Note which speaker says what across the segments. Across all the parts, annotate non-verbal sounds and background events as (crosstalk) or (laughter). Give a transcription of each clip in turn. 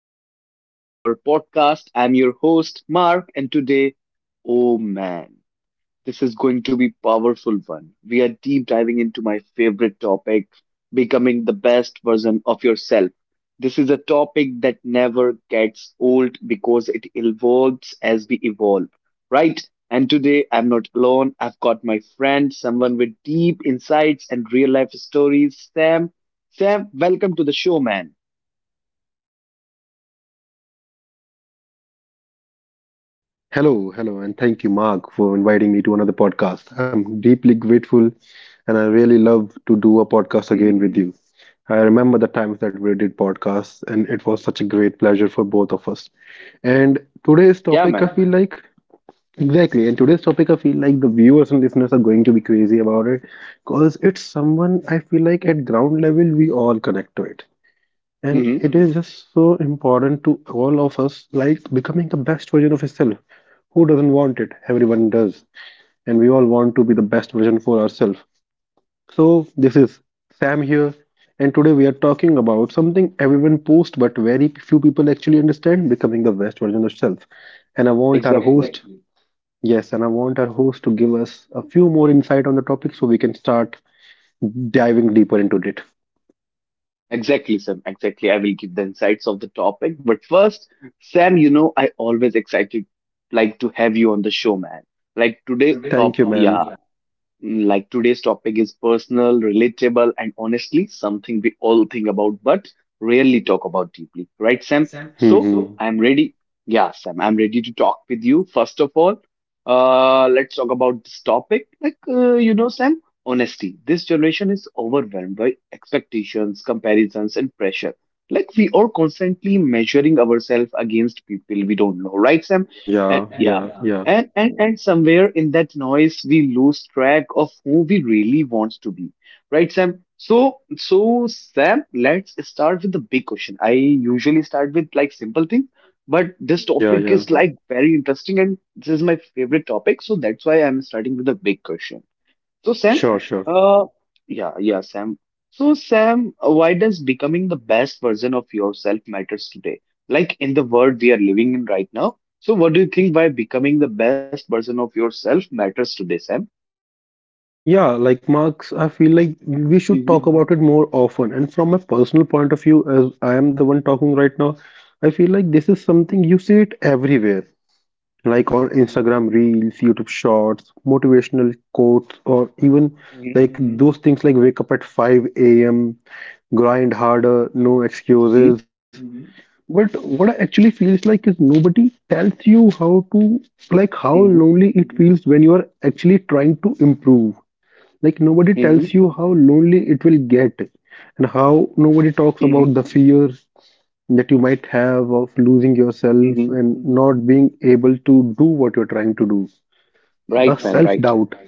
Speaker 1: another episode of our podcast. I'm your host, Mark, and today, oh man. This is going to be powerful one. We are deep diving into my favorite topic, becoming the best version of yourself. This is a topic that never gets old because it evolves as we evolve, right? And today I'm not alone. I've got my friend, someone with deep insights and real life stories, Sam. Sam, welcome to the show, man.
Speaker 2: Hello, hello, and thank you, Mark, for inviting me to another podcast. I'm deeply grateful and I really love to do a podcast
Speaker 1: Mhm.
Speaker 2: again with you. I remember the times that we did podcasts, and it was such a great pleasure for both of us. And today's
Speaker 1: Yeah,
Speaker 2: topic, I
Speaker 1: man.
Speaker 2: feel like exactly, and today's topic, I feel like the viewers and listeners are going to be crazy about it because it's someone I feel like at ground level we all connect to it and
Speaker 1: Hmm.
Speaker 2: it is just so important to all of us, like becoming the best version of yourself. Who doesn't want it? Everyone does. And we all want to be the best version for ourselves. So, this is Sam here, and today we are talking about something everyone posts but very few people actually understand becoming the best version of self. And I want our
Speaker 1: Exactly.
Speaker 2: host, yes, and I want our host to give us a few more insight on the topic so we can start diving deeper into it.
Speaker 1: Exactly, Sam. Exactly. I will give the insights of the topic. But first, Sam, I always excited like to have you on the show, man. Like today
Speaker 2: Thank
Speaker 1: top
Speaker 2: you,
Speaker 1: Yeah.
Speaker 2: man.
Speaker 1: Like today's topic is personal, relatable, and honestly something we all think about but rarely talk about deeply. Right, Sam?
Speaker 2: So
Speaker 1: So I'm ready. Yeah, Sam, I'm ready to talk with you. First of all, let's talk about this topic. Like, Sam, honesty. This generation is overwhelmed by expectations, comparisons, and pressure. Like, we are constantly measuring ourselves against people we don't know. Right, Sam?
Speaker 2: right, sir?
Speaker 1: And,
Speaker 2: Yeah. And
Speaker 1: yeah. And somewhere in that noise, we lose track of who we really wants to be, right, Sam? So Sam, let's start with the big question. I usually start with like simple things, but
Speaker 2: but
Speaker 1: this
Speaker 2: this yeah.
Speaker 1: topic
Speaker 2: yeah.
Speaker 1: is
Speaker 2: topic is
Speaker 1: like very interesting, and this is my favorite topic, so that's why I'm starting with a big question. So
Speaker 2: too
Speaker 1: Sam,
Speaker 2: sure, sure, serious.
Speaker 1: uh, yeah, yeah, Sam. So Sam, why does becoming the best version of yourself matters today? Like in the world we are living in right now. So what do you think why becoming the best version of yourself matters today, Sam?
Speaker 2: Yeah, like Marks, I feel like we should
Speaker 1: Mm-hmm.
Speaker 2: talk about it more often. And from a personal point of view, as I am the one talking right now, I feel like this is something you see it everywhere, like on
Speaker 1: Mm-hmm.
Speaker 2: Instagram Reels, YouTube Shorts, motivational quotes, or even like those things like wake up at 5 a.m., grind harder, no
Speaker 1: Mm-hmm.
Speaker 2: excuses. Mhm. But what I actually feels like is nobody tells you how to, like, how
Speaker 1: Mm-hmm.
Speaker 2: lonely it feels when you are actually trying to improve. Like, nobody tells
Speaker 1: Mm-hmm.
Speaker 2: you how lonely it will get, and how nobody talks
Speaker 1: Mm-hmm.
Speaker 2: about the fear that you might have of losing yourself
Speaker 1: Mm-hmm.
Speaker 2: and not being able to do what you're trying to do. The
Speaker 1: Right, man,
Speaker 2: self
Speaker 1: right.
Speaker 2: doubt.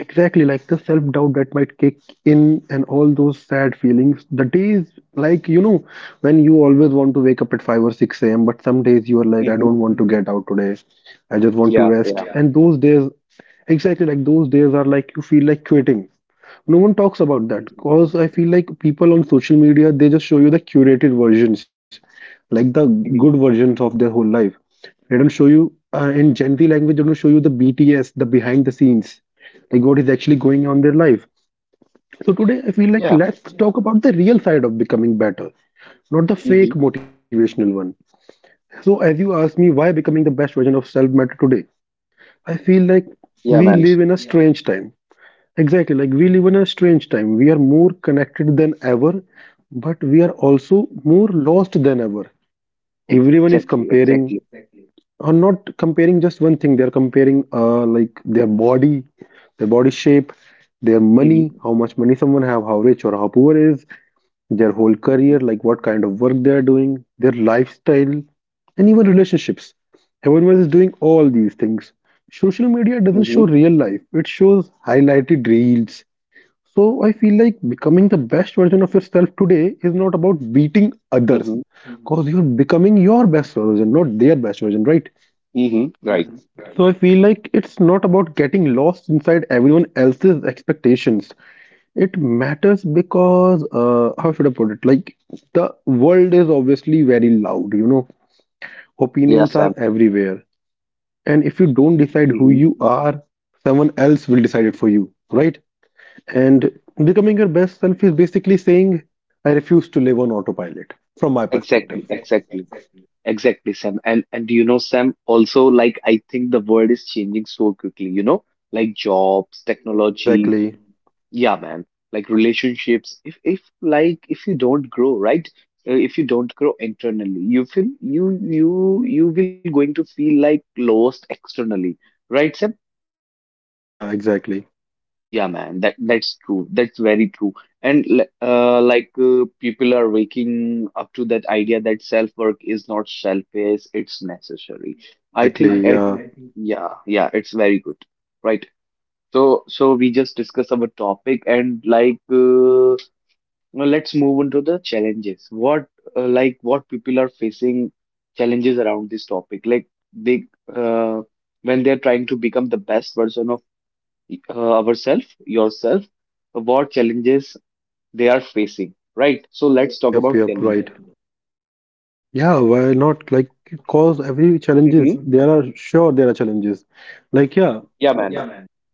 Speaker 2: Exactly, like the self doubt that might kick in and all those sad feelings. The days, like, you know, when you always want to wake up at 5 or 6 a.m., but some days you are like, I
Speaker 1: Mm-hmm.
Speaker 2: don't want to get out today. I just want to
Speaker 1: Yeah,
Speaker 2: rest.
Speaker 1: yeah.
Speaker 2: Yeah. And those days, exactly like those days are like you feel like quitting. No one talks about that
Speaker 1: Mm-hmm.
Speaker 2: because I feel like people on social media they just show you the curated versions, like the good
Speaker 1: Mm-hmm.
Speaker 2: versions of their whole life. They don't show you in Gen Z language. They don't show you the BTS, the behind the scenes, like what is actually going on in their life. So today I feel like
Speaker 1: Yeah.
Speaker 2: let's talk about the real side of becoming better, not the fake
Speaker 1: Mm-hmm.
Speaker 2: motivational one. So as you asked me why becoming the best version of self matter today, I feel like we
Speaker 1: Yeah,
Speaker 2: live
Speaker 1: man.
Speaker 2: in a strange time we live in a strange time. We are more connected than ever, but we are also more lost than ever. Everyone is
Speaker 1: Exactly, exactly.
Speaker 2: comparing, or not comparing just one thing. They're comparing like their body shape, their money,
Speaker 1: Mm-hmm.
Speaker 2: how much money someone have, how rich or how poor is, their whole career,
Speaker 1: Mm-hmm.
Speaker 2: like what kind of work they are doing, their lifestyle, and even relationships. Everyone is doing all these things. Social media doesn't show
Speaker 1: Mm-hmm.
Speaker 2: real life. It shows highlighted reels. So I feel like becoming the best version of yourself today is not about beating others,
Speaker 1: Mm-hmm.
Speaker 2: because you're becoming your best version, not their best version, right?
Speaker 1: Mm-hmm. Right.
Speaker 2: So I feel like it's not about getting lost inside everyone else's expectations. It matters because how should I put it? Like the world is obviously very loud. You know,
Speaker 1: Yeah,
Speaker 2: opinions
Speaker 1: yes.
Speaker 2: are everywhere, and if you don't decide who
Speaker 1: Hmm.
Speaker 2: you are, someone else will decide it for you, right? And becoming your best self is basically saying, I refuse to live on autopilot, from my
Speaker 1: Exactly,
Speaker 2: perspective.
Speaker 1: exactly, exactly, Sam. And you know, Sam, also like I think the world is changing so quickly, like jobs, technology,
Speaker 2: Exactly.
Speaker 1: yeah, man, like relationships. If you don't grow, right? If you don't grow internally, you will going to feel like lost externally, right, Sam?
Speaker 2: Yeah, exactly.
Speaker 1: Yeah, man, that's true. That's very true. And like people are waking up to that idea that self-work is not selfish, it's necessary. I
Speaker 2: Exactly.
Speaker 1: think I
Speaker 2: Yeah.
Speaker 1: think yeah, yeah, it's very good. Right. So we just discuss our topic and like now let's move on to the challenges. What people are facing challenges around this topic. Like they uh, when they're trying to become the best version of yourself, what challenges they are facing, right? So let's talk
Speaker 2: Yep,
Speaker 1: about
Speaker 2: yep,
Speaker 1: challenges.
Speaker 2: right. Yeah, why not? Like, cause every challenges,
Speaker 1: Mhm.
Speaker 2: there are sure there are challenges. Like, yeah,
Speaker 1: Yeah, man.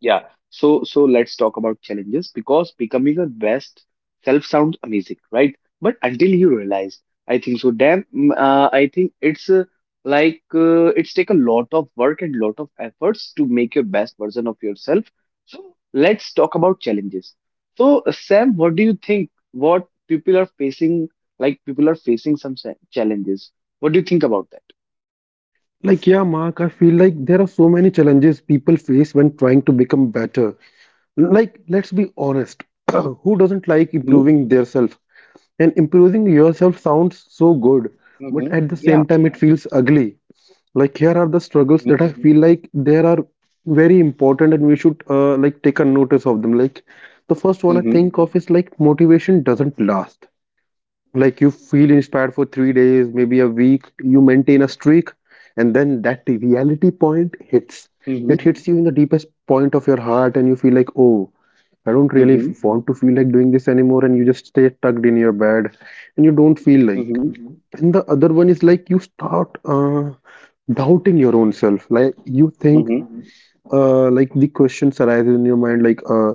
Speaker 1: Yeah. So so let's talk about challenges because becoming your best self sounds amazing, right? But until you realize, I think so. I think it's like it's take a lot of work and lot of efforts to make your best version of yourself. So let's talk about challenges. So Sam, what do you think? What people are facing, like people are facing some challenges. What do you think about that?
Speaker 2: like, yeah, Mark, I feel like there are so many challenges people face when trying to become better. Like, let's be honest, (clears throat) who doesn't like
Speaker 1: Mm-hmm.
Speaker 2: improving their self? And improving yourself sounds so good, but
Speaker 1: Mm-hmm.
Speaker 2: at the
Speaker 1: Yeah.
Speaker 2: same time, it feels ugly. Like here are the struggles
Speaker 1: Mm-hmm.
Speaker 2: that I feel like there are very important, and we should like take a notice of them. Like the first one I think of is like motivation doesn't last. Like you feel inspired for 3 days, maybe a week, you maintain a streak, and then that reality point hits. It
Speaker 1: Mm-hmm.
Speaker 2: hits you in the deepest point of your heart, and you feel like, oh, I don't really
Speaker 1: Mm-hmm.
Speaker 2: want to feel like doing this anymore, and you just stay tucked in your bed, and you don't feel like.
Speaker 1: Mm-hmm.
Speaker 2: And the other one is like you start doubting your own self. Like you think,
Speaker 1: Mm-hmm.
Speaker 2: like the questions arise in your mind, like,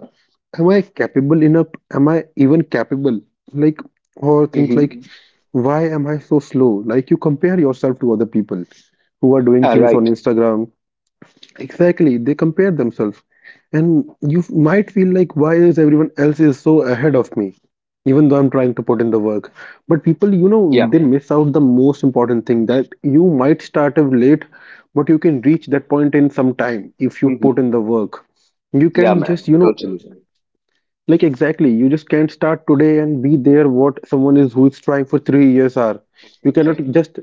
Speaker 2: am I capable enough? Am I even capable? Like, or things
Speaker 1: Mm-hmm.
Speaker 2: like, why am I so slow? Like you compare yourself to other people who are doing
Speaker 1: Yeah,
Speaker 2: things on
Speaker 1: right.
Speaker 2: Instagram. Exactly, they compare themselves, and you might feel like, why is everyone else is so ahead of me? Even though I'm trying to put in the work. But people, you know,
Speaker 1: Yeah.
Speaker 2: they miss out the most important thing that you might start off late, but you can reach that point in some time if you
Speaker 1: Mm-hmm.
Speaker 2: put in the work. You
Speaker 1: Yeah,
Speaker 2: can, yeah,
Speaker 1: man.
Speaker 2: just, you know,
Speaker 1: Totally.
Speaker 2: like exactly, you just can't start today and be there what someone is who is trying for 3 years are. You cannot,
Speaker 1: Exactly.
Speaker 2: right, just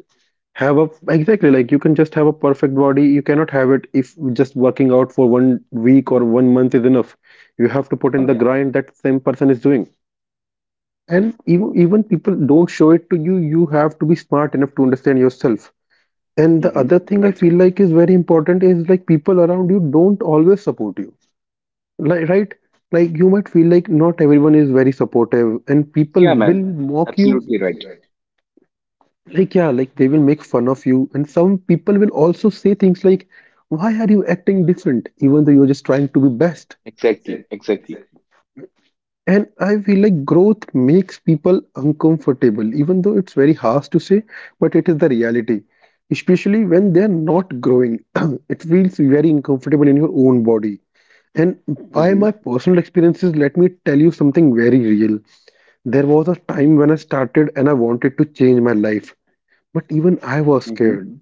Speaker 2: have a, exactly like you can just have a perfect body. You cannot have it if just working out for one week
Speaker 1: Mhm.
Speaker 2: or one month is enough. You have to put
Speaker 1: Yeah,
Speaker 2: in the,
Speaker 1: man.
Speaker 2: yeah, grind that same person is doing, and even people don't show it to you. You have to be smart enough to understand yourself, and the
Speaker 1: Mm-hmm.
Speaker 2: other thing I
Speaker 1: Right.
Speaker 2: feel like is very important is like people around you don't always support you, like right, like you might feel like not everyone is very supportive, and people
Speaker 1: Yeah,
Speaker 2: will
Speaker 1: man.
Speaker 2: mock you,
Speaker 1: Absolutely right.
Speaker 2: like yeah, like they will make fun of you, and some people will also say things like, why are you acting different, even though you're just trying to be best.
Speaker 1: Exactly. Exactly.
Speaker 2: And I feel like growth makes people uncomfortable, even though it's very harsh to say, but it is the reality, especially when they're not growing. (clears throat) It feels very uncomfortable in your own body. And
Speaker 1: Mm-hmm.
Speaker 2: by my personal experiences, let me tell you something very real. There was a
Speaker 1: Mm-hmm.
Speaker 2: time when I started and I wanted to change my life, but even I was
Speaker 1: Mm-hmm.
Speaker 2: scared.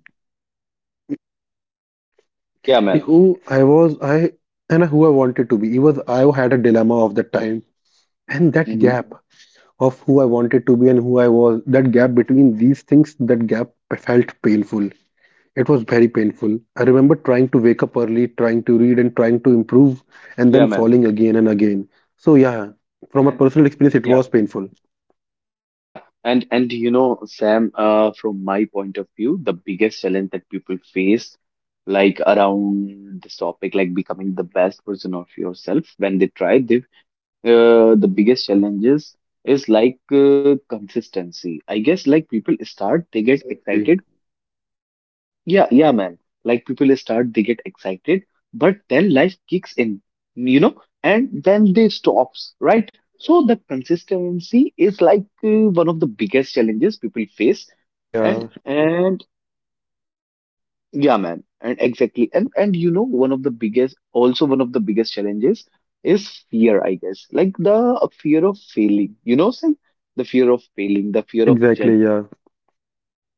Speaker 1: Yeah, man.
Speaker 2: Who I was, I, and who I wanted to be. It was, I had a dilemma of the time, and that
Speaker 1: Mm-hmm.
Speaker 2: gap of who I wanted to be and who I was, that gap between these things, that gap felt painful. It was very painful. I remember trying to wake up early, trying to read and trying to improve,
Speaker 1: Yeah,
Speaker 2: and then
Speaker 1: man.
Speaker 2: falling again and again. So, yeah,
Speaker 1: And,
Speaker 2: from a personal experience,
Speaker 1: yeah.
Speaker 2: it was painful.
Speaker 1: Yeah, and you know, Sam, from my point of view, the biggest challenge that people face, like around this topic, like becoming the best version of yourself, when they try, the
Speaker 2: Yeah,
Speaker 1: biggest
Speaker 2: yeah,
Speaker 1: challenges is like consistency. I guess like people start, they get
Speaker 2: exactly.
Speaker 1: excited yeah, yeah, man. Like people start, they get excited, but then life kicks in, you know, and then they stops, right? So the consistency is like one of the biggest challenges people face. And
Speaker 2: Yeah,
Speaker 1: and yeah, man, and exactly. And one of the biggest, also one of the biggest challenges is fear, I guess. Like the fear of failing, you know, saying the fear of failing, the fear of
Speaker 2: exactly. Yeah,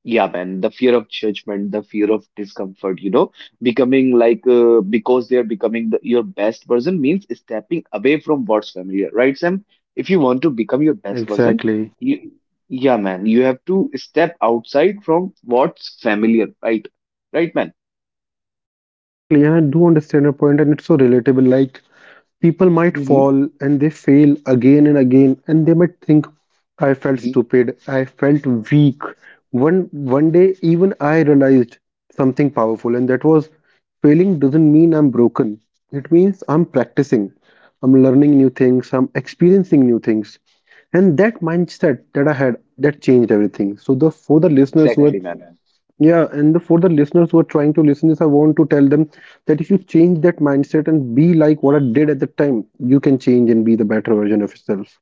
Speaker 1: yeah, man, the fear of judgment, the fear of discomfort, you know, becoming like because they are becoming your best version means stepping away from what's familiar, right, Sam? If you want to become your best version,
Speaker 2: exactly.
Speaker 1: you, yeah, man, you have to step outside from what's familiar, right? Right, man?
Speaker 2: Exactly. And I do understand your point, and it's so relatable. Like, people might
Speaker 1: Mm-hmm.
Speaker 2: fall and they fail again and again, and they might think, I felt
Speaker 1: Mm-hmm.
Speaker 2: stupid, I felt weak. One one day even I realized something powerful, and that was, failing doesn't mean I'm broken, it means I'm practicing, I'm learning new things, I'm experiencing new things. And that mindset that I had, that changed everything. So the, for the listeners who are,
Speaker 1: Exactly, man.
Speaker 2: yeah, and for the listeners who are trying to listen this, I want to tell them that if you change that mindset and be like what I did at the time, you can change and be the better version of yourself.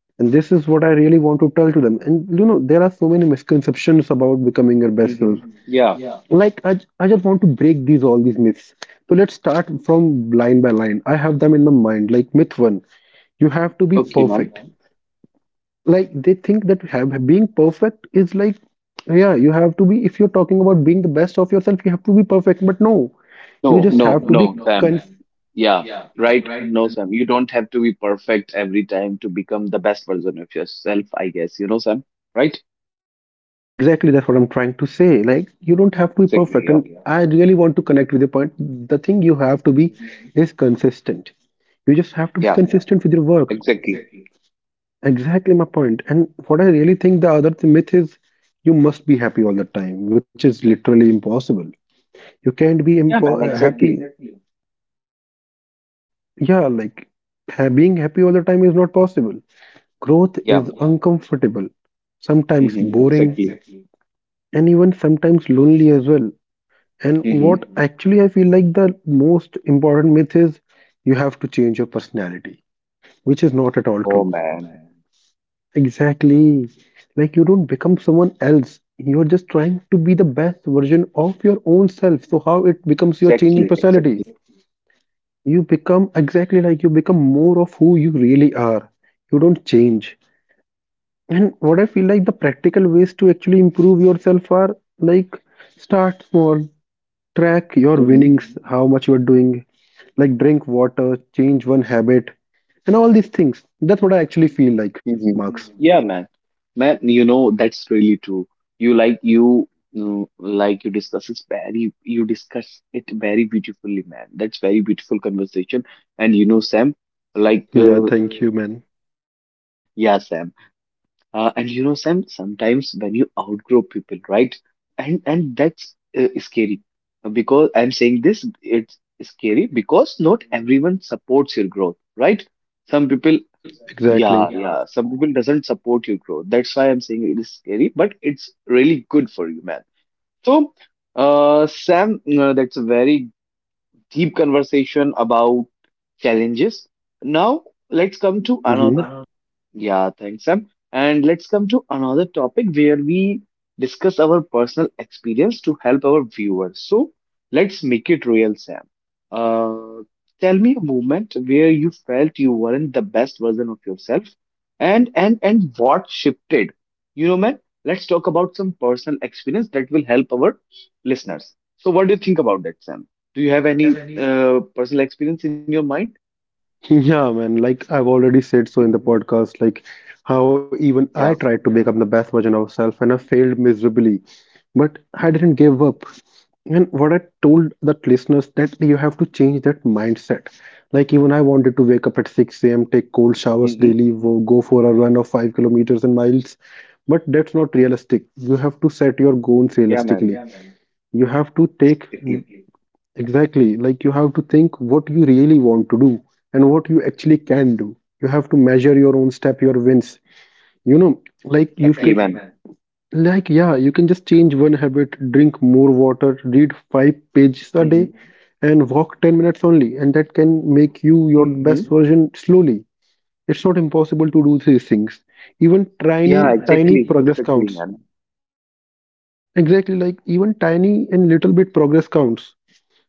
Speaker 2: And this is what I really want to tell to them. And you know, there are so many misconceptions about becoming your best self.
Speaker 1: Mm-hmm. Yeah.
Speaker 2: Like I, I just want to break these all these myths. So let's start from line by line. I have them in the mind. Like myth one, you have to be
Speaker 1: Okay, man.
Speaker 2: perfect, like they think that have, being perfect is like, yeah, you have to be, if you're talking about being the best of yourself you have to be perfect. But no, you
Speaker 1: No,
Speaker 2: just
Speaker 1: no,
Speaker 2: have to be
Speaker 1: no, Sam.
Speaker 2: con-
Speaker 1: Yeah, right. No, Sam, you don't have to be perfect every time to become the best version of yourself, I guess. You know, Sam, right?
Speaker 2: exactly, that's what I'm trying to say, like you don't have to be
Speaker 1: Exactly.
Speaker 2: perfect,
Speaker 1: Yeah.
Speaker 2: and I really want to connect with the point, the thing you have to be
Speaker 1: Mhm.
Speaker 2: is consistent. You just have to be, yeah,
Speaker 1: Yeah,
Speaker 2: consistent with your work,
Speaker 1: exactly.
Speaker 2: exactly my point. And what I really think the other myth is you must be happy all the time, which is literally impossible. You can't be
Speaker 1: Yeah, man.
Speaker 2: happy.
Speaker 1: Exactly.
Speaker 2: Yeah, like being happy all the time is not possible. Growth
Speaker 1: Yeah.
Speaker 2: is uncomfortable, sometimes
Speaker 1: Hmm,
Speaker 2: boring,
Speaker 1: exactly.
Speaker 2: and even sometimes lonely as well. And
Speaker 1: Hmm.
Speaker 2: what actually I feel like the most important myth is you have to change your personality, which is not at all
Speaker 1: No,
Speaker 2: true.
Speaker 1: man.
Speaker 2: Exactly. Like you don't become someone else. You're just trying to be the best version of your own self. So how it becomes your changing
Speaker 1: Exactly. Exactly.
Speaker 2: personality? You become exactly like you become more of who you really are. You don't change. And what I feel like the practical ways to actually improve yourself are like start small, track your
Speaker 1: Hmm.
Speaker 2: winnings, how much you are doing, like drink water, change one habit, and all these things. That's what I actually feel like,
Speaker 1: Hmm.
Speaker 2: Marks.
Speaker 1: Yeah, man. Man, that's really true. You discuss it very beautifully, man. That's very beautiful conversation. And you know, Sam, like
Speaker 2: Yeah, thank you, man.
Speaker 1: Yeah, Sam. And you know, Sam, sometimes when you outgrow people, right? And that's scary. Because I'm saying this, it's scary because not everyone
Speaker 2: Mm-hmm.
Speaker 1: supports your growth, right? Some people, yeah,
Speaker 2: Exactly.
Speaker 1: yeah, some people doesn't support your growth. That's why I'm saying it is scary, but it's really good for you, man. So, Sam, that's a very deep conversation about challenges. Now, let's come to
Speaker 2: Mm-hmm.
Speaker 1: another yeah, thanks, Sam. And let's come to another topic where we discuss our personal experience to help our viewers. So let's make it real, Sam. Uh, Tell me a moment where you felt you weren't the best version of yourself, and what shifted. You know, man. Let's talk about some personal experience that will help our listeners. So, what do you think about that, Sam? Do you have any personal experience in your mind?
Speaker 2: (laughs) Yeah, man. Like I've already said so
Speaker 1: Hmm?
Speaker 2: in the podcast, like how even I
Speaker 1: Yeah.
Speaker 2: tried to become the best version of myself and I failed miserably. But I didn't
Speaker 1: Hmm.
Speaker 2: give up. And what I told the listeners that you have to change that mindset. Like even I wanted to wake up at 6 a.m., take cold showers daily,
Speaker 1: Hmm.
Speaker 2: go for a run of 5 kilometers and miles. But that's not realistic. You have to set your goals
Speaker 1: Yeah,
Speaker 2: realistically.
Speaker 1: man.
Speaker 2: You have to take.
Speaker 1: Exactly.
Speaker 2: Exactly. Like you have to think what you really want to do and what you actually can do. You have to measure your own step, your wins. You know, like you can,
Speaker 1: Exactly, man.
Speaker 2: like, yeah, you can just change one habit, drink more water, read 5 pages a day, mhm,
Speaker 1: Hmm.
Speaker 2: and walk 10 minutes only. And that can make you your best
Speaker 1: Hmm.
Speaker 2: version slowly. It's not impossible to do these things. Even
Speaker 1: Yeah,
Speaker 2: tiny
Speaker 1: exactly,
Speaker 2: progress
Speaker 1: exactly,
Speaker 2: counts.
Speaker 1: man.
Speaker 2: Exactly. Like even tiny and little bit progress counts.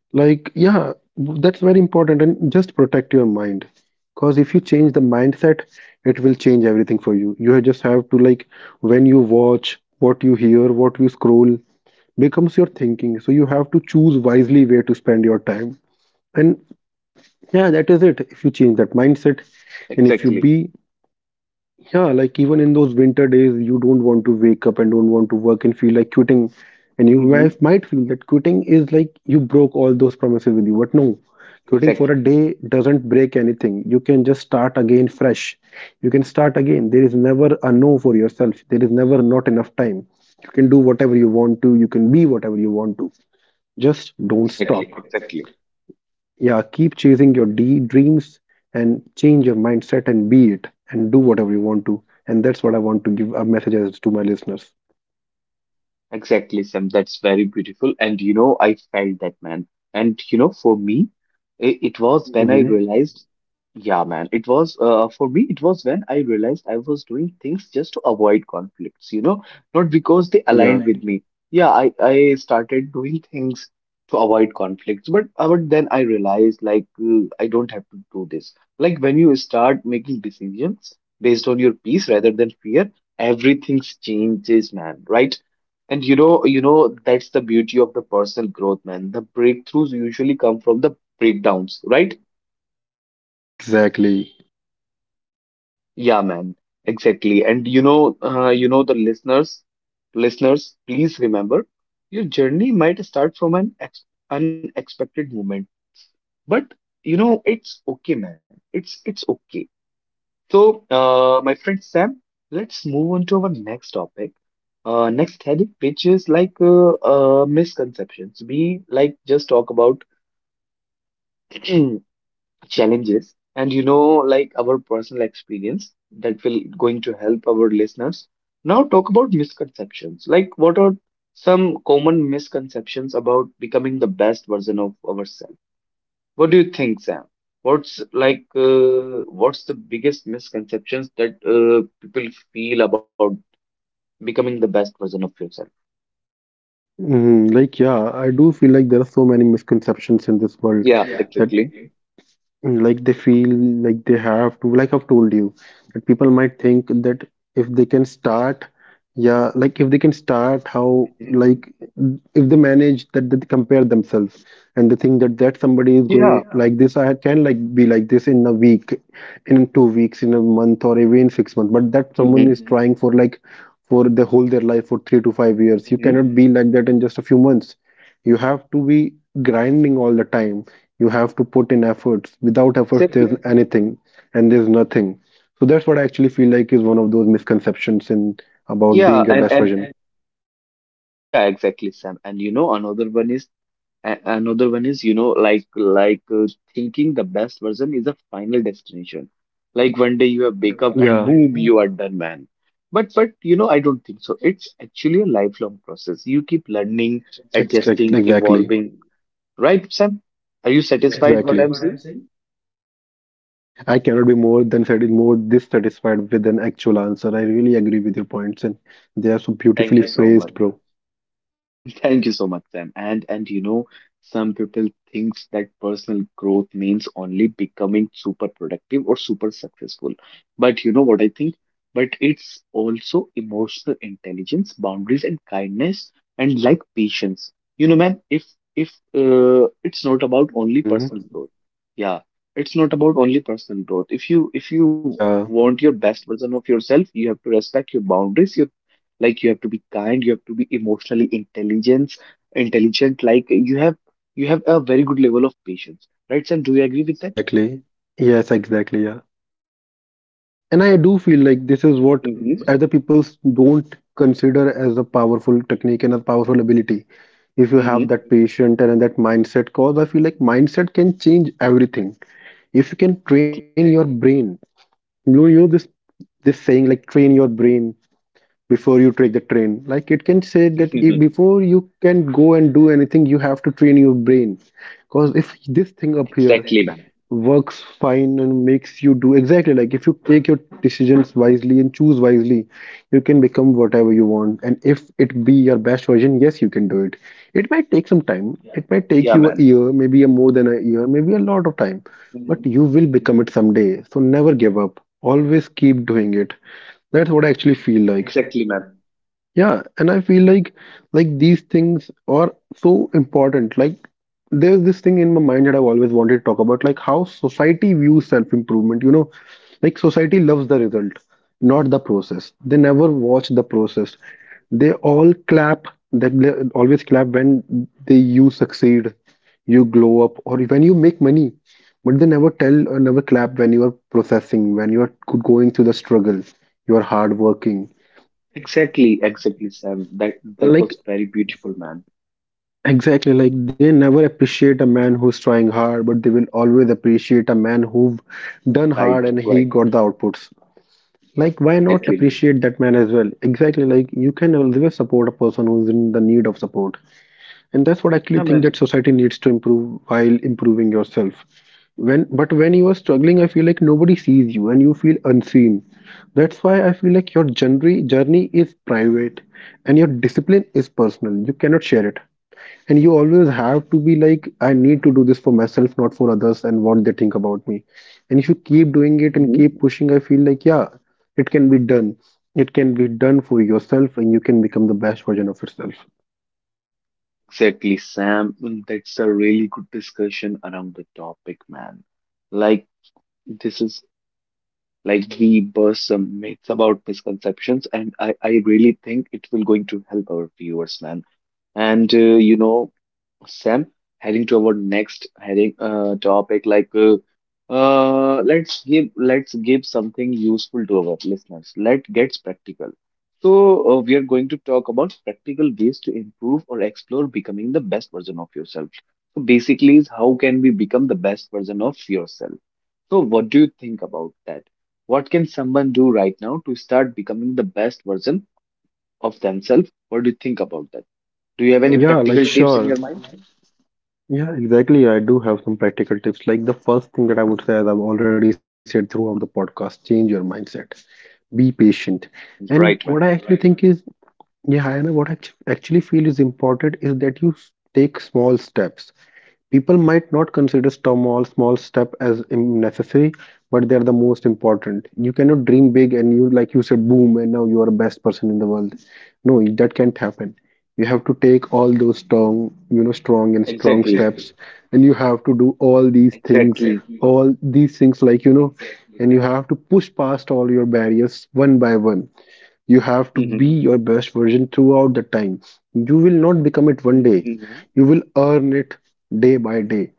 Speaker 2: Like, yeah, that's very important. And just protect your mind. Because if you change the mindset, it will change everything for you. You just have to, like, when you watch, what you hear, what you scroll becomes your thinking. So you have to choose wisely where to spend your time. And yeah, that is it. If you change that mindset and if you
Speaker 1: Exactly.
Speaker 2: be, yeah, like even in those winter days, you don't want to wake up and don't want to work and feel like quitting. And you
Speaker 1: Hmm.
Speaker 2: might feel that quitting is like you broke all those promises with you. But no, quitting
Speaker 1: Exactly,
Speaker 2: for a day doesn't break anything. You can just start again fresh. You can start again. There is never a no for yourself, there is never not enough time. You can do whatever you want to, you can be whatever you want to. Just don't stop.
Speaker 1: exactly, exactly,
Speaker 2: Yeah, keep chasing your D dreams and change your mindset and be it and do whatever you want to. And that's what I want to give a message as to my listeners.
Speaker 1: exactly, Sam. That's very beautiful. And you know, I felt that, man. And you know, for me, it was when I
Speaker 2: Mhm.
Speaker 1: realized Yeah, man. It was for me, it was when I realized I was doing things just to avoid conflicts, you know, not because they
Speaker 2: Yeah,
Speaker 1: aligned with me. Yeah, I started doing things to avoid conflicts, but then I realized like I don't have to do this. Like when you start making decisions based on your peace rather than fear, everything changes, man, right? And you know, that's the beauty of the personal growth, man. The breakthroughs usually come from the breakdowns, right?
Speaker 2: exactly.
Speaker 1: Yeah, man, exactly. And you know, the listeners, please remember, your journey might start from an ex unexpected moment, but it's okay, man. It's okay. So, my friend Sam, let's move on to our next topic. Next heading, which is like misconceptions. We like just talk about (clears throat) challenges and like our personal experience that will going to help our listeners. Now talk about misconceptions. Like, what are some common misconceptions about becoming the best version of ourselves? What do you think, Sam? What's the biggest misconceptions that people feel about becoming the best version of yourself?
Speaker 2: Mhm. Like, yeah, I do feel like there are so many misconceptions in this world
Speaker 1: Yeah,
Speaker 2: that.
Speaker 1: exactly.
Speaker 2: Like they feel like they have to, like I've told you, that people might think that if they can start, yeah, like if they can start how,
Speaker 1: Mhm.
Speaker 2: like if they manage that they compare themselves and they think that somebody is
Speaker 1: Yeah.
Speaker 2: going like this, I can like be like this in a week, in 2 weeks, in a month, or even in 6 months. But that someone
Speaker 1: Mm-hmm.
Speaker 2: is trying for like for the whole their life for 3 to 5 years. You
Speaker 1: Mm-hmm.
Speaker 2: cannot be like that in just a few months. You have to be grinding all the time. You have to put in efforts. Without efforts, there's
Speaker 1: Exactly.
Speaker 2: anything and there's nothing. So that's what I actually feel like is one of those misconceptions in about
Speaker 1: Yeah,
Speaker 2: being a
Speaker 1: and
Speaker 2: best
Speaker 1: and
Speaker 2: version.
Speaker 1: yeah, exactly, Sam. And you know, another one is A another one is, you know, like thinking the best version is a final destination. Like one day you have wake up and
Speaker 2: Yeah,
Speaker 1: boom, you are done, man. But you know, I don't think so. It's actually a lifelong process. You keep learning,
Speaker 2: ex-
Speaker 1: adjusting,
Speaker 2: exactly,
Speaker 1: evolving. Right, Sam? Are you satisfied what
Speaker 2: exactly.
Speaker 1: I'm saying?
Speaker 2: I cannot be more than more this satisfied with an actual answer. I really agree with your points, and they are so
Speaker 1: Thank
Speaker 2: beautifully
Speaker 1: you so much.
Speaker 2: phrased, bro.
Speaker 1: (laughs) Thank you so much, Sam. And you know, some people thinks that personal growth means only becoming super productive or super successful. But you know what I think? But it's also emotional intelligence, boundaries and kindness and like patience. You know, man, if it's not about only
Speaker 2: Hmm.
Speaker 1: personal growth. Yeah, it's not about only personal growth. If you
Speaker 2: Yeah,
Speaker 1: want your best version of yourself, you have to respect your boundaries, your like you have to be kind, you have to be emotionally intelligent, like you have a very good level of patience, right, Sam? Do you agree with that?
Speaker 2: exactly. Yes, exactly. Yeah, and I do feel like this is what
Speaker 1: Mm-hmm.
Speaker 2: other people don't consider as a powerful technique and a powerful ability if you have
Speaker 1: Mm-hmm.
Speaker 2: that patient and that mindset, cause I feel like mindset can change everything. If you can train
Speaker 1: Exactly.
Speaker 2: your brain, you know, you know this, this saying like train your brain before you take the train, like it can say that if,
Speaker 1: (laughs)
Speaker 2: before you can go and do anything, you have to train your brain. Because if this thing up here
Speaker 1: Exactly, man.
Speaker 2: works fine and makes you do exactly like if you take your decisions wisely and choose wisely, you can become whatever
Speaker 1: Hmm.
Speaker 2: you want. And if it be your best version, yes, you can do it. It might take some time, it might take
Speaker 1: Yeah,
Speaker 2: you a
Speaker 1: man.
Speaker 2: year, maybe a more than a year, maybe a lot of time, but
Speaker 1: Hmm.
Speaker 2: you will
Speaker 1: Hmm.
Speaker 2: become it someday. So never give up, always keep doing it. That's what I actually feel like.
Speaker 1: Exactly, man.
Speaker 2: Yeah, and I feel like these things are so important. Like there's this thing in my mind that I've always wanted to talk about, like how society views self-improvement. You know, like society loves the result, not the process. They never watch the process. They all clap. They always clap when they you succeed, you glow up, or when you make money. But they never tell or never clap when you are processing, when you are going through the struggle, you are hardworking,
Speaker 1: Exactly. Exactly, Sam, that
Speaker 2: like,
Speaker 1: was very beautiful, man.
Speaker 2: exactly, like they never appreciate a man who's trying hard, but they will always appreciate a man who done hard
Speaker 1: Right.
Speaker 2: and he
Speaker 1: Right.
Speaker 2: got the outputs. Like, why not
Speaker 1: Exactly, man.
Speaker 2: appreciate that man as well? Exactly, like you can always support a person who's in the need of support. And that's what I actually
Speaker 1: Yeah,
Speaker 2: think that
Speaker 1: man.
Speaker 2: society needs to improve while improving yourself when, but when you are struggling, I feel like nobody sees you and you feel unseen. That's why I feel like your journey is private and your discipline is personal, you cannot share it. And you always have to be like I need to do this for myself, not for others and what they think about me. And if you keep doing it and
Speaker 1: Hmm.
Speaker 2: keep pushing, I feel like yeah, it can be done. It can be done for yourself and you can become the best version of yourself.
Speaker 1: Exactly, Sam. That's a really good discussion around the topic, man. Like, this is Like we burst some myths about misconceptions, and I really think it will going to help our viewers, man. And uh, you know, Sam, heading toward next heading topic, let's give something useful to our listeners. Let's get practical. So we are going to talk about practical ways to improve or explore becoming the best version of yourself. So basically, is how can we become the best version of yourself? So what do you think about that? What can someone do right now to start becoming the best version of themselves? What do you think about that? Do you have any
Speaker 2: Yeah, like
Speaker 1: practical tips in
Speaker 2: sure.
Speaker 1: your mind?
Speaker 2: Yeah, exactly. I do have some practical tips. Like the first thing that I would say, as I've already said throughout the podcast, change your mindset. Be patient. And what I
Speaker 1: Right,
Speaker 2: actually
Speaker 1: man.
Speaker 2: think is, yeah, I know what I actually feel is important is that you take small steps. People might not consider small step as necessary, but they are the most important. You cannot dream big and you like you said boom and now you are the best person in the world. No, that can't happen. You have to take all those strong, you know, strong
Speaker 1: Exactly.
Speaker 2: steps, and you have to do
Speaker 1: Exactly.
Speaker 2: all these things like you know, and you have to push past all your barriers one by one. You have to
Speaker 1: hmm
Speaker 2: be your best version throughout the time. You will not become it
Speaker 1: hmm
Speaker 2: one day. You will earn it day by day.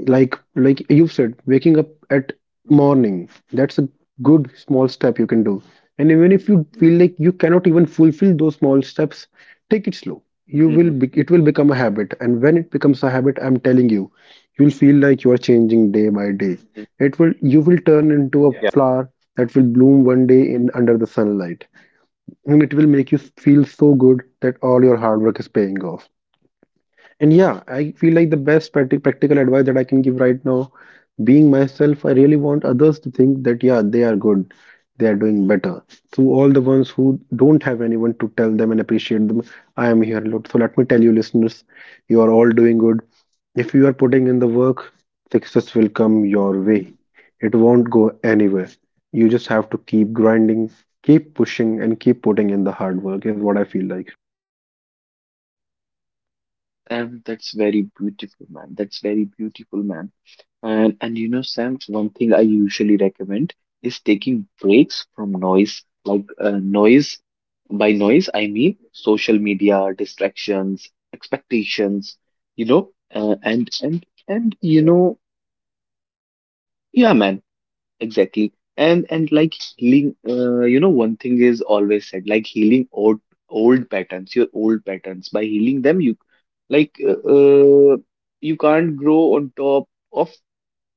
Speaker 2: Like you said, waking up at morning. That's a good small step you can do. And even if you feel like you cannot even fulfill those small steps, take it slow.
Speaker 1: hmm hmm
Speaker 2: You will be, it will become a habit. And when it becomes a habit, I'm telling you, you'll feel like you are changing day by day. It will You will turn into
Speaker 1: Yeah.
Speaker 2: a flower that will bloom one day in under the sunlight and it will make you feel so good that all your hard work is paying off. And yeah, I feel like the best practical advice that I can give right now, being myself, I really want others to think that yeah, they are good, they are doing better. So all the ones who don't have anyone to tell them and appreciate them, I am here. So let me tell you, listeners, you are all doing good. If you are putting in the work, success will come your
Speaker 1: hmm
Speaker 2: way. It won't go anywhere. You just have to keep grinding, keep pushing, and keep putting in the hard work, is what I feel like.
Speaker 1: And that's very beautiful, man. That's very beautiful, man. And you know, Sam, one thing I usually recommend is taking breaks from noise. Like noise, by noise I mean
Speaker 2: Mhm.
Speaker 1: social media, distractions, expectations. You know, uh, and and and you
Speaker 2: Exactly.
Speaker 1: know, yeah, man. Exactly. And like healing, one thing is always said, like healing old patterns, your old patterns. By healing them, you like uh, uh, you can't grow on top of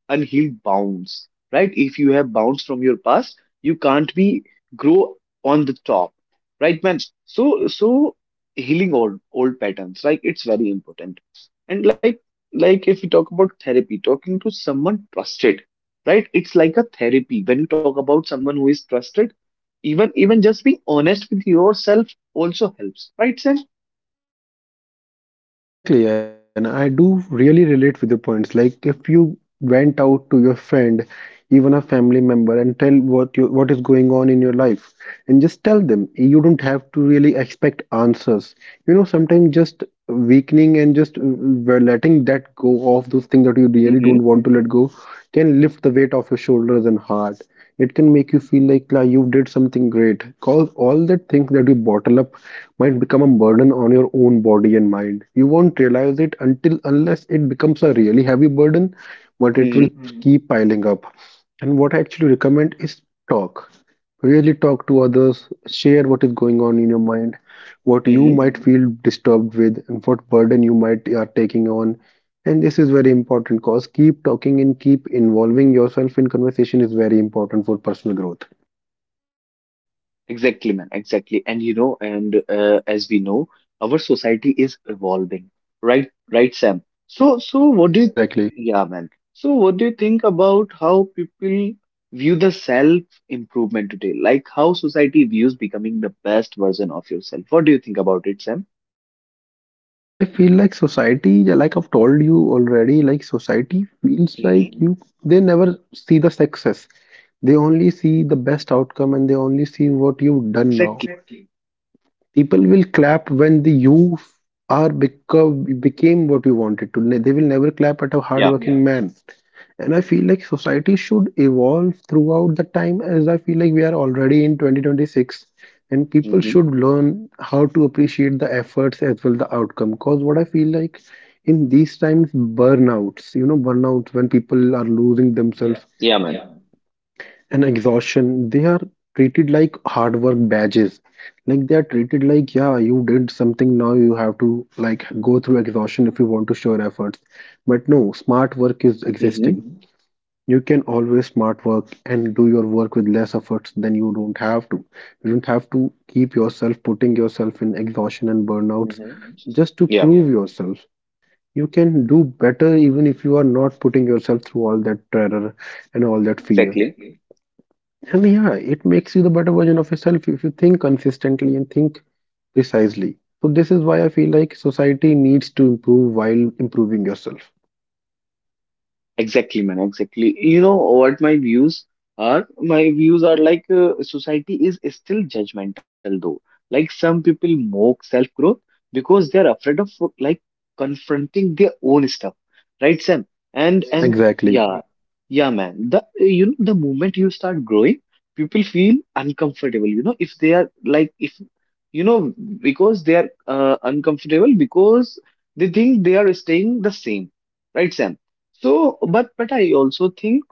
Speaker 1: unhealed bounds, right? If you have bounds from your past, you can't be grow on the top, right, man? So healing old patterns, like it's very important. And like if you talk about therapy, talking to someone trusted, right? It's like a therapy when you talk about someone who is trusted. Even just being honest with yourself also helps, right, Sam?
Speaker 2: Exactly, and I do really relate with the points. Like if you went out to your friend, even a family member, and tell what is going on in your life, and just tell them. You don't have to really expect answers. You know, sometimes just weakening and just letting that go of those things that you really don't want to let
Speaker 1: Mm-hmm.
Speaker 2: go can lift the weight off your shoulders and heart. It can make you feel like "La, you did something great. Cause all the things that you bottle up might become a burden on your own body and mind. You won't realize it until unless it becomes a really heavy burden, but it will keep piling up. And what I actually recommend is talk. Really talk to others, share what is going on in your mind, what you might
Speaker 1: Mm-hmm.
Speaker 2: feel disturbed with, and what burden you might are taking on. And this is very important cause keep talking and keep involving yourself in conversation is very important for personal growth.
Speaker 1: Exactly, man. Exactly. And you know, and as we know, our society is evolving. Right, right, Sam. So, so what do you,
Speaker 2: Exactly.
Speaker 1: yeah, man. So what do you think about how people view the self-improvement today? Like how society views becoming the best version of yourself. What do you think about it, Sam?
Speaker 2: I feel like society, yeah, like I've told you already, like society feels like
Speaker 1: hmm
Speaker 2: you, they never see the success. They only see the best outcome and they only see what you've done now.
Speaker 1: Exactly.
Speaker 2: People will clap when the you are become became what you wanted to. They will never clap at a
Speaker 1: Yeah.
Speaker 2: hardworking man, and I feel like society should evolve throughout the time, as I feel like we are already in 2026 and people should
Speaker 1: Mm-hmm.
Speaker 2: learn how to appreciate the efforts as well the outcome, because what I feel like in these times burnouts, you know, burnouts when people are losing
Speaker 1: Yeah.
Speaker 2: themselves.
Speaker 1: Yeah, man.
Speaker 2: Yes. And exhaustion, they are treated like hard work badges, like they are treated like, yeah, you did something, now you have to like go through exhaustion if you want to show your efforts, but no, smart work is existing.
Speaker 1: Mm-hmm.
Speaker 2: You can always smart work and do your work with less efforts, than you don't have to. You don't have to keep yourself putting yourself in exhaustion and burnouts
Speaker 1: Mm-hmm.
Speaker 2: just to
Speaker 1: Yeah,
Speaker 2: prove yourself. You can do better even if you are not putting yourself through all that terror and all that fear.
Speaker 1: exactly.
Speaker 2: Exactly. And yeah, it makes you the better version of yourself if you think consistently and think precisely. So this is why I feel like society needs to improve while improving yourself.
Speaker 1: Exactly, man. Exactly. You know what my views are? My views are like society is still judgmental though. Like some people mock self-growth because they're afraid of like confronting their own stuff, right, Sam? And and exactly,
Speaker 2: Exactly.
Speaker 1: yeah, yeah, man. The you know the moment you start growing, people feel uncomfortable. You know if they are like if you know because they are uncomfortable because they think they are staying the same, right, Sam? So, but I also think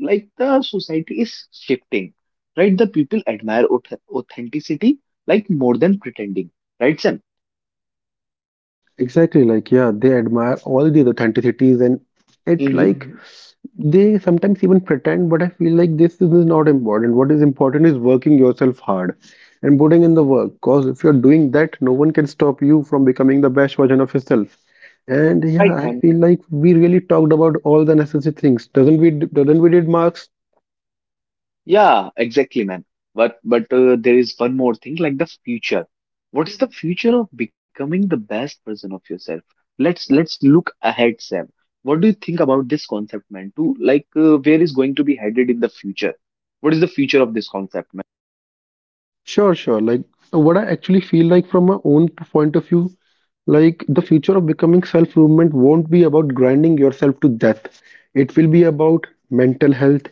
Speaker 1: like the society is shifting, right? The people admire authenticity like more than pretending, right, Sam?
Speaker 2: Exactly, like yeah, they admire all these authenticities and it
Speaker 1: Mm-hmm.
Speaker 2: like they sometimes even pretend, but I feel like this is not important. What is important is working yourself hard and putting in the work. Because if you're doing that, no one can stop you from becoming the best version of yourself. And yeah,
Speaker 1: Right,
Speaker 2: I
Speaker 1: man.
Speaker 2: feel like we really talked about all the necessary things. Doesn't we did, Mark?
Speaker 1: Yeah, exactly, man. But there is one more thing, like the future. What is the future of becoming the best version of yourself? Let's look ahead, Sam. What do you think about this concept, man? To like where is going to be headed in the future? What is the future of this concept,
Speaker 2: Sure, sure. Like what I actually feel like from my own point of view, like the future of becoming self-improvement won't be about grinding yourself to death. It will be about mental health,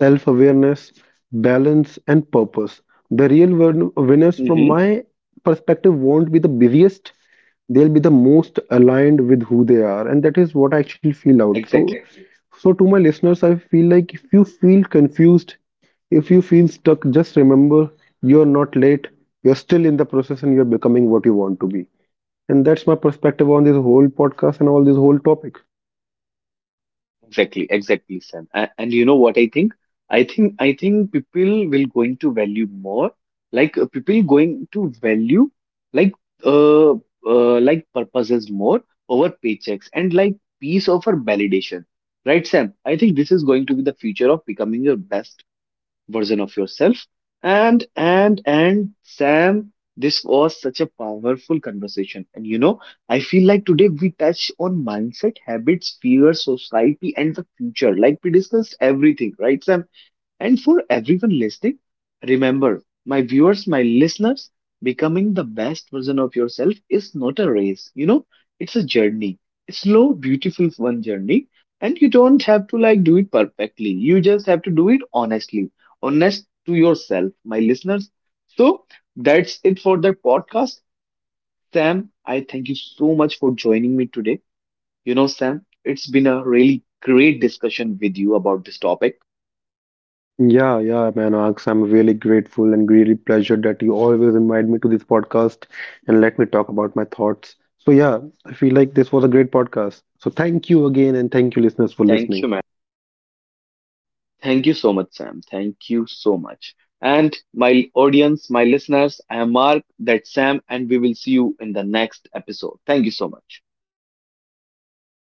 Speaker 2: self awareness, balance, and purpose. The real winners, from
Speaker 1: man?
Speaker 2: my perspective, won't be the busiest, they'll be the most aligned with who they are. And that is what I actually feel out. So,
Speaker 1: Mm-hmm.
Speaker 2: exactly. So to my listeners, I feel like if you feel confused, if you feel stuck, just remember you're not late, you're still in the process, and you're becoming what you want to be. And that's my perspective on this whole podcast and all this whole topic.
Speaker 1: Exactly, exactly, Sam. And you know what I think? I think people will going to value more, like people going to value like like purposes more over paychecks and like peace over validation. Right, Sam? I think this is going to be the future of becoming your best version of yourself. And Sam, this was such a powerful conversation. And you know, I feel like today we touched on mindset, habits, fear, society, and the future. Like we discussed everything, right, Sam? And for everyone listening, remember, my viewers, my listeners, becoming the best version of yourself is not a race. You know, it's a journey. A slow, beautiful one journey. And you don't have to like do it perfectly. You just have to do it honestly. Honest to yourself, my listeners. So that's it for the podcast. Sam, I thank you so much for joining me today. You know, Sam, it's been a really great discussion with you about this topic.
Speaker 2: Yeah, yeah, man, Aks, I'm really grateful and really pleasured that you always invite me to this podcast and let me talk about my thoughts. So yeah, I feel like this was a great podcast. So thank you again and thank you listeners for
Speaker 1: Thank
Speaker 2: listening.
Speaker 1: you, man. Thank you so much, Sam. Thank you so much. And my audience, my listeners, I am Mark, that's Sam, and we will see you in the next episode. Thank you so much.